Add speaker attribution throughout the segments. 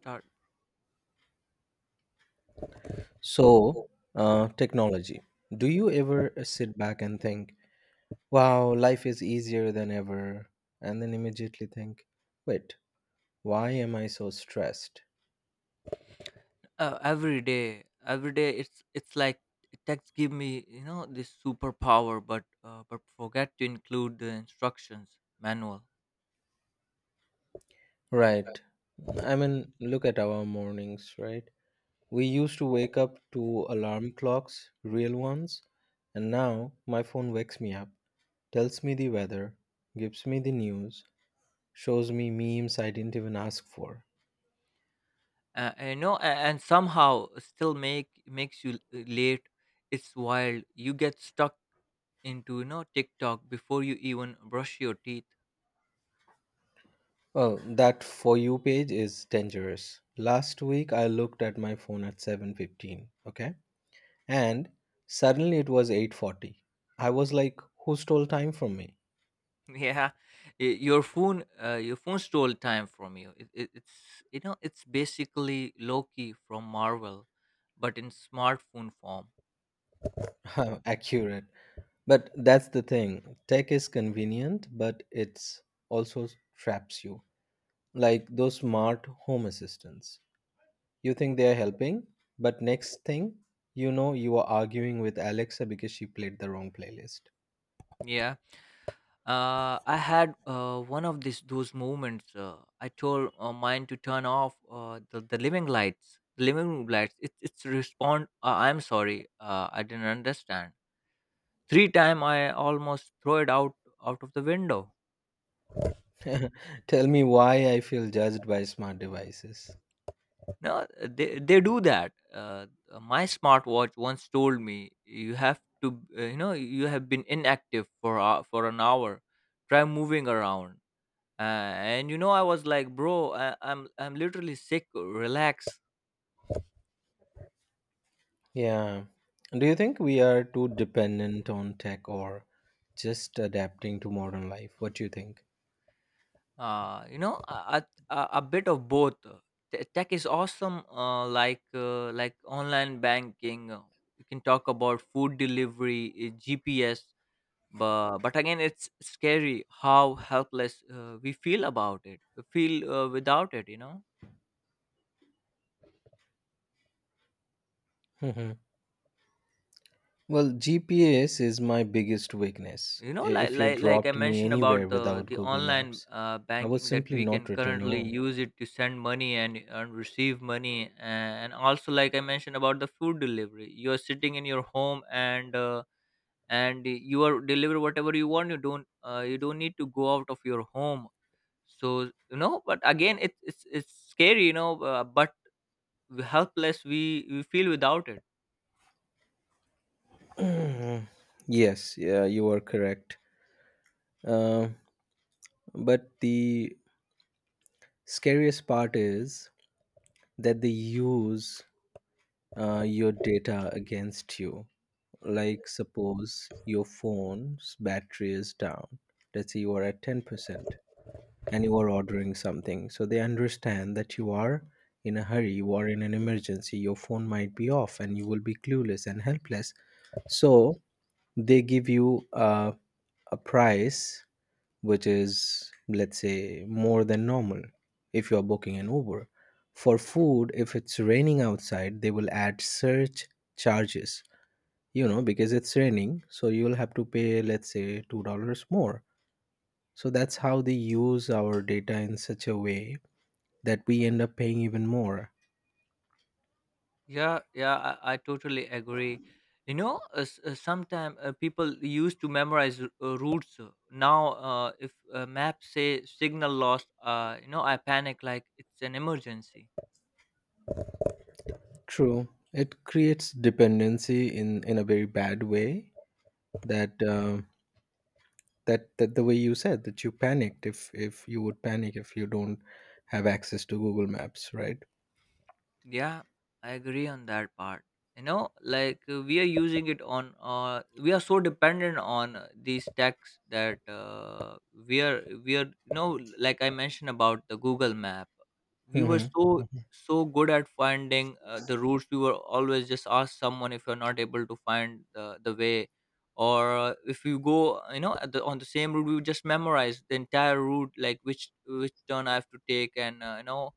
Speaker 1: Start.
Speaker 2: So,
Speaker 1: Oh,
Speaker 2: technology. Do you ever sit back and think, wow, life is easier than ever? And then immediately think, wait, why am I so stressed?
Speaker 1: Every day, it's like text give me this superpower, but forget to include the instructions manual.
Speaker 2: Right.
Speaker 1: Right.
Speaker 2: I mean, look at our mornings, right? We used to wake up to alarm clocks, real ones, and now my phone wakes me up, tells me the weather, gives me the news, shows me memes I didn't even ask for.
Speaker 1: And somehow still makes you late. It's wild, you get stuck into, TikTok before you even brush your teeth.
Speaker 2: Oh, that for you page is dangerous. Last week I looked at my phone at 7:15, okay? And suddenly it was 8:40. I was like, who stole time from me?
Speaker 1: Yeah, your phone, your phone stole time from you. It's it's basically Loki from Marvel, but in smartphone form.
Speaker 2: Accurate. But that's the thing. Tech is convenient, but it's also traps you. Like those smart home assistants. You think they are helping, but next thing, you know you are arguing with Alexa because she played the wrong playlist.
Speaker 1: Yeah. I had one of these those moments. I told mine to turn off the living room lights. It, it's respond. I'm sorry. I didn't understand. Three time I almost throw it out out of the window.
Speaker 2: Tell me why I feel judged by smart devices.
Speaker 1: No, they do that. My smartwatch once told me you have to. You have been inactive for an hour. Try moving around, and I was like, bro, i'm literally sick, relax.
Speaker 2: Yeah. Do you think we are too dependent on tech or just adapting to modern life? What do you think?
Speaker 1: uh you know a, a bit of both. Tech is awesome, like online banking, you can talk about food delivery, GPS. But again, it's scary how helpless we feel about it, feel without it, you know.
Speaker 2: Mhm. Well, GPS is my biggest weakness.
Speaker 1: you know like
Speaker 2: If you
Speaker 1: like, like I
Speaker 2: dropped me
Speaker 1: mentioned
Speaker 2: anywhere
Speaker 1: about the
Speaker 2: without
Speaker 1: the
Speaker 2: Google
Speaker 1: online
Speaker 2: Maps, I would
Speaker 1: banking, that
Speaker 2: simply
Speaker 1: we can
Speaker 2: not return
Speaker 1: currently
Speaker 2: home.
Speaker 1: use it to send money and, receive money, and also like I mentioned about the food delivery. You're sitting in your home, and and you are deliver whatever you want, you don't, you don't need to go out of your home. So, you know, but again, it's scary, you know, but helpless we feel without it.
Speaker 2: Mm, yes, yeah, you are correct. Uh, but the scariest part is that they use your data against you. Like suppose your phone's battery is down, let's say you are at 10%, and you are ordering something, so they understand that you are in a hurry, you are in an emergency, your phone might be off and you will be clueless and helpless. So they give you a price, which is, let's say, more than normal. If you are booking an uber for food, if it's raining outside, they will add surge charges, because it's raining, so you'll have to pay, let's say, $2 more. So that's how they use our data in such a way that we end up paying even more.
Speaker 1: Yeah, yeah, I totally agree. You know, sometimes people used to memorize routes. Now, if maps say signal lost, you know, I panic like it's an emergency.
Speaker 2: True, it creates dependency in a very bad way. That that the way you said that you panicked, if you would panic, if you don't have access to Google Maps, right?
Speaker 1: Yeah, I agree on that part. You know, like we are using it on, we are so dependent on these techs that you know, like I mentioned about the Google Map, we were
Speaker 2: Hmm.
Speaker 1: so so good at finding the routes. We were always just ask someone if you're not able to find the way, or if you go, you know, at the, on the same route, we would just memorize the entire route, like which turn I have to take, and you know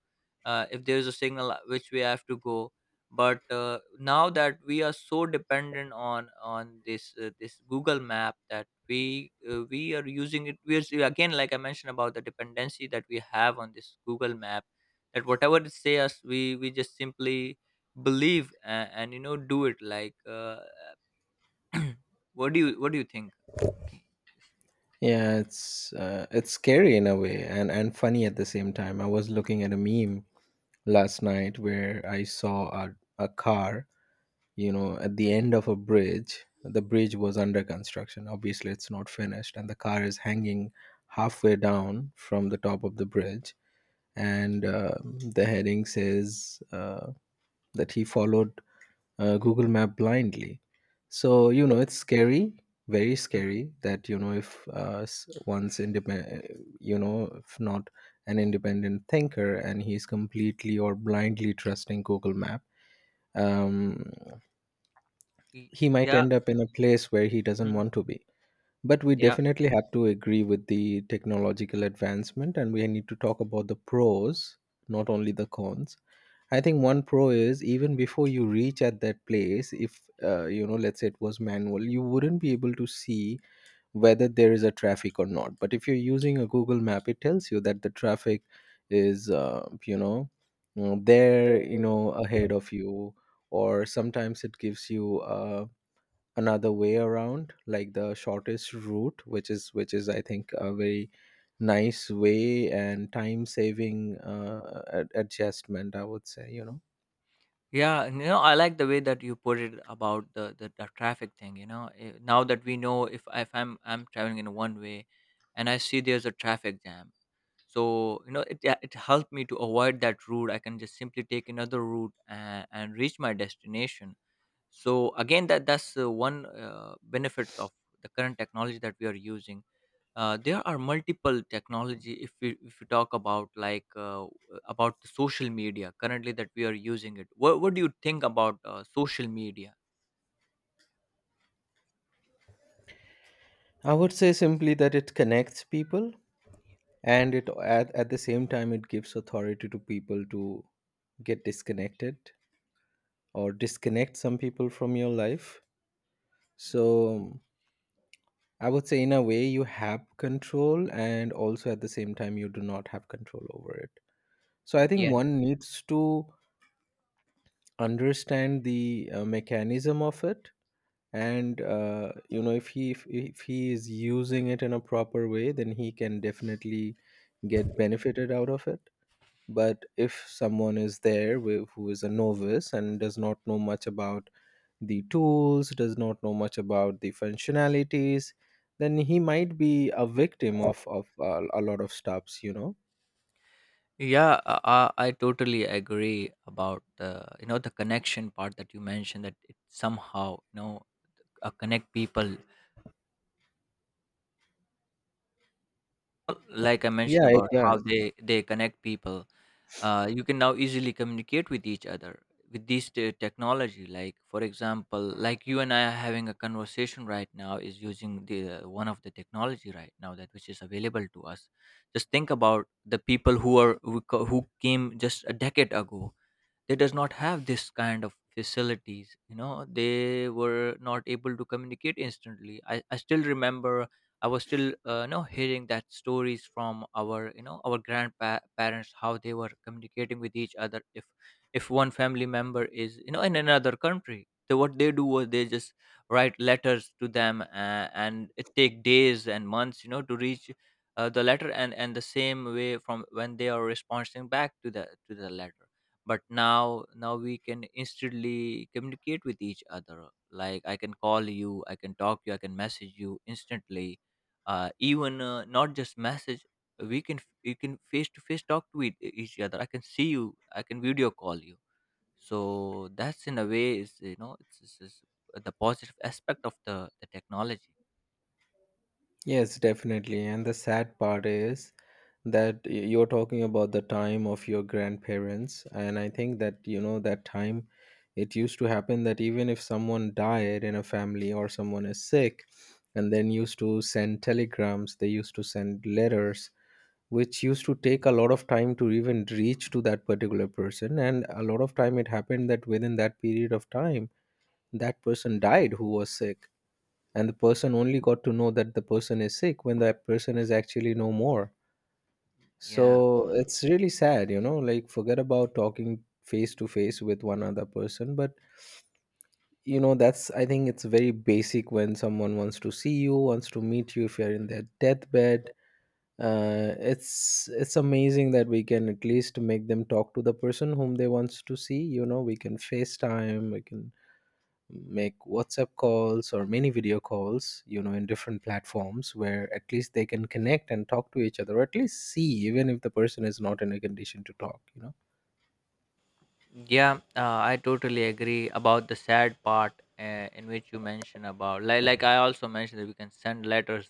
Speaker 1: if there is a signal which we have to go. But now that we are so dependent on this, this Google Map, that we, we are using it, we are again like I mentioned about the dependency that we have on this Google Map, that whatever it say us, we just simply believe and, do it, like, what do you think? Okay.
Speaker 2: Yeah, it's it's scary in a way, and funny at the same time. I was looking at a meme last night, where I saw a car, at the end of a bridge. The bridge was under construction. Obviously, it's not finished, and the car is hanging halfway down from the top of the bridge. And the heading says that he followed Google Map blindly. So, you know, it's scary, very
Speaker 1: Mhm.
Speaker 2: scary, that you know, if one's independent, you know, if not an independent thinker, and he's completely or blindly trusting Google Map, um, he might
Speaker 1: Yeah.
Speaker 2: end up in a place where he doesn't want to be. But we
Speaker 1: Mhm.
Speaker 2: definitely have to agree with the technological advancement, and we need to talk about the pros, not only the cons. I think one pro is, even before you reach at that place, if let's say it was manual, you wouldn't be able to see whether there is a traffic or not. But if you're using a Google Map, it tells you that the traffic is, there, ahead of you, or sometimes it gives you another way around, like the shortest route, which is I think a very nice way and time saving adjustment, I would say.
Speaker 1: Yeah, and, you know, I like the way that you put it about the traffic thing. You know, Eh, now that we know if I'm traveling in one way, and I see there's a traffic jam, so, you know, it, yeah, it helped me to avoid that route. I can just simply take another route and, reach my destination. So again, that's one benefits of the current technology that we are using. There are multiple technology. If we, if we talk about like, about the social media currently that we are using it, what do you think about social media?
Speaker 2: I would say simply that it connects people, and it, at the same time, it gives authority to people to get disconnected or disconnect some people from your life. So I would say in a way you have control, and also at the same time you do not have control over it. So I think
Speaker 1: Yeah.
Speaker 2: one needs to understand the mechanism of it, and you know, if he, if he is using it in a proper way, then he can definitely get benefited out of it. But if someone is there with, who is a novice and does not know much about the tools, does not know much about the functionalities, then he might be a victim of a lot of stops.
Speaker 1: Yeah. I totally agree about, you know, the connection part that you mentioned, that it somehow, you know, connect people. Well, like I mentioned
Speaker 2: Yeah, it
Speaker 1: about how
Speaker 2: does.
Speaker 1: they connect people, you can now easily communicate with each other with these technology. Like for example, like you and I are having a conversation right now is using the one of the technology right now that which is available to us. Just think about the people who are who, who came just a decade ago. They does not have this kind of facilities, you know, they were not able to communicate instantly. I still remember, I was still, you know, hearing that stories from our, you know, our grandparents, how they were communicating with each other. If one family member is, you know, in another country, so what they do was they just write letters to them, and it take days and months, you know, to reach the letter, and the same way from when they are responding back to the, to the letter. But now, now we can instantly communicate with each other. Like I can call you, I can talk you, I can message you instantly. Even not just message, we can you can face to face talk to each other. I can see you, I can video call you. So that's in a way, is, you know, it's the positive aspect of the technology.
Speaker 2: Yes, definitely. And the sad part is that you're talking about the time of your grandparents. And I think that, that time it used to happen that even if someone died in a family or someone is sick, and then used to send telegrams, they used to send letters, which used to take a lot of time to even reach to that particular person. And a lot of time it happened that within that period of time, that person died who was sick, and the person only got to know that the person is sick when that person is actually no more.
Speaker 1: Yeah.
Speaker 2: So it's really sad. Like, forget about talking face to face with one other person, but that's, I think, it's very basic. When someone wants to see you, wants to meet you, if you're in their deathbed, it's amazing that we can at least make them talk to the person whom they wants to see. We can facetime, we can make WhatsApp calls or many video calls, in different platforms, where at least they can connect and talk to each other, or at least see, even if the person is not in a condition to talk.
Speaker 1: Yeah, I totally agree about the sad part, in which you mentioned about, like I also mentioned, that we can send letters,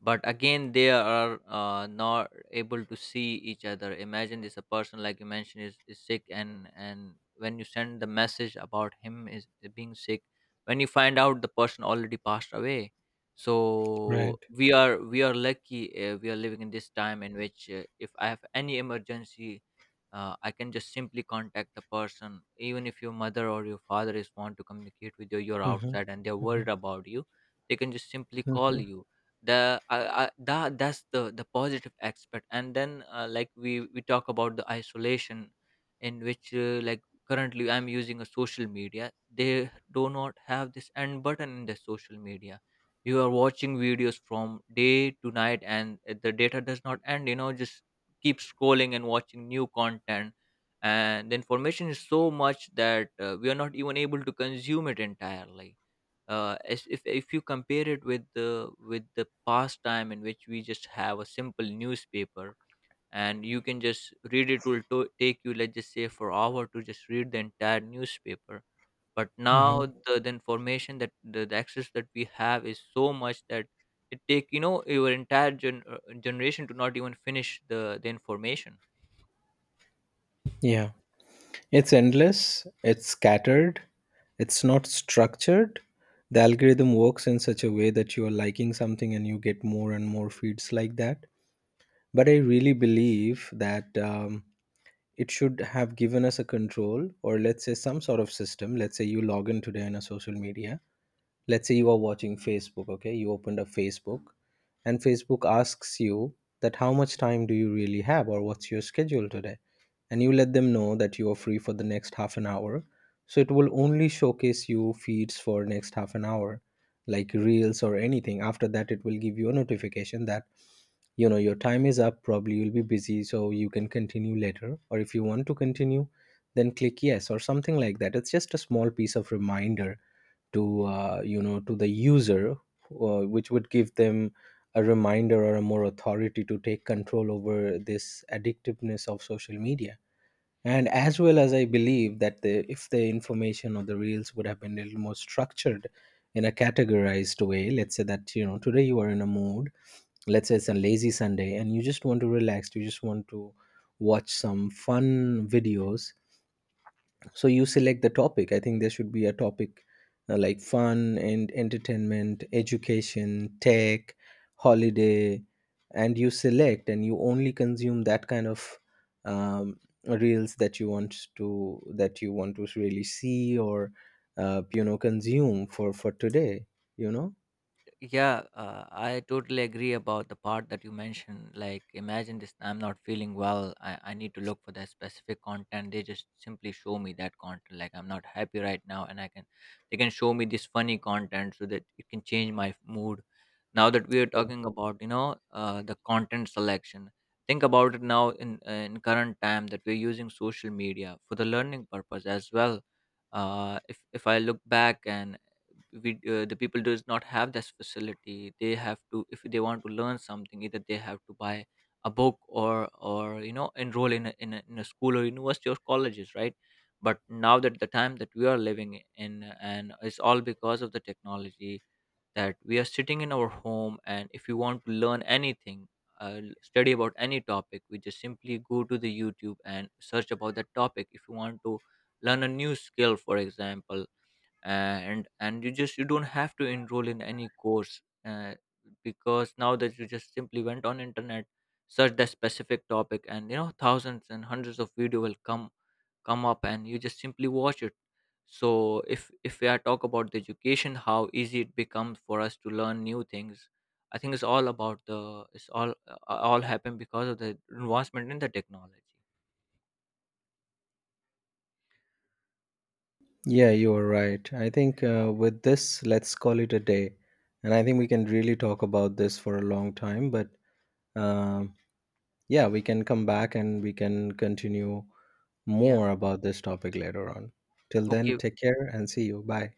Speaker 1: but again they are, not able to see each other. Imagine this, a person, like you mentioned, is sick, and when you send the message about him is being sick, when you find out the person already passed away. So
Speaker 2: Right.
Speaker 1: we are, we are lucky, we are living in this time in which, if I have any emergency, I can just simply contact the person. Even if your mother or your father is want to communicate with you, you're
Speaker 2: Mm-hmm.
Speaker 1: outside and they're
Speaker 2: Mm-hmm.
Speaker 1: worried about you, they can just simply call
Speaker 2: Mm-hmm.
Speaker 1: you. The that that's the positive aspect. And then, like we talk about the isolation, in which, like currently I'm using a social media. They do not have this end button in the social media. You are watching videos from day to night, and the data does not end, you know, just keep scrolling and watching new content. And the information is so much that, we are not even able to consume it entirely. As if you compare it with the, with the past time, in which we just have a simple newspaper, and you can just read it. Will take you, let's just say for hour, to just read the entire newspaper. But now
Speaker 2: Hmm.
Speaker 1: the information that the access that we have is so much that it take, you know, your entire generation to not even finish the information.
Speaker 2: Yeah. It's endless, it's scattered, it's not structured. The algorithm works in such a way that you are liking something and you get more and more feeds like that. But I really believe that. It should have given us a control, or let's say, some sort of system. Let's say you log in today on a social media, let's say you are watching Facebook. Okay, you opened up Facebook, and Facebook asks you that how much time do you really have, or what's your schedule today, and you let them know that you are free for the next half an hour. So it will only showcase you feeds for next half an hour, like reels or anything. After that, it will give you a notification that, you know, your time is up, probably you'll be busy, so you can continue later, or if you want to continue, then click yes or something like that. It's just a small piece of reminder to, to the user, which would give them a reminder or a more authority to take control over this addictiveness of social media. And as well as I believe that, if the information or the reels would have been a little more structured in a categorized way, let's say that, you know, today you are in a mood, let's say it's a lazy Sunday and you just want to relax, you just want to watch some fun videos, so you select the topic. I think there should be a topic, like fun and entertainment, education, tech, holiday, and you select and you only consume that kind of um, reels that you want to, really see, or you know, consume for today you know
Speaker 1: Yeah, I totally agree about the part that you mentioned. Like, imagine this, I'm not feeling well. I need to look for that specific content. They just simply show me that content. Like, I'm not happy right now, and I can, they can show me this funny content so that it can change my mood. Now that we are talking about, you know, the content selection, think about it now in current time, that we're using social media for the learning purpose as well. If I look back, and we, the people does not have this facility. They have to, if they want to learn something, either they have to buy a book, or, you know, enroll in a, in a school or university or colleges, right? But now that the time that we are living in, and it's all because of the technology, that we are sitting in our home, and if you want to learn anything, study about any topic, we just simply go to the YouTube and search about that topic. If you want to learn a new skill, for example, and you just, you don't have to enroll in any course, because now that you just simply went on internet, search that specific topic, and you know, thousands and hundreds of video will come up, and you just simply watch it. So if we are talk about the education, how easy it becomes for us to learn new things, I think it's all about the, it's all happened because of the advancement in the technology.
Speaker 2: Yeah, you are right. I think, with this, let's call it a day. And I think we can really talk about this for a long time. But um, yeah, we can come back and we can continue
Speaker 1: Yeah.
Speaker 2: more about this topic later on. Till then,
Speaker 1: Okay.
Speaker 2: take care and see you. Bye.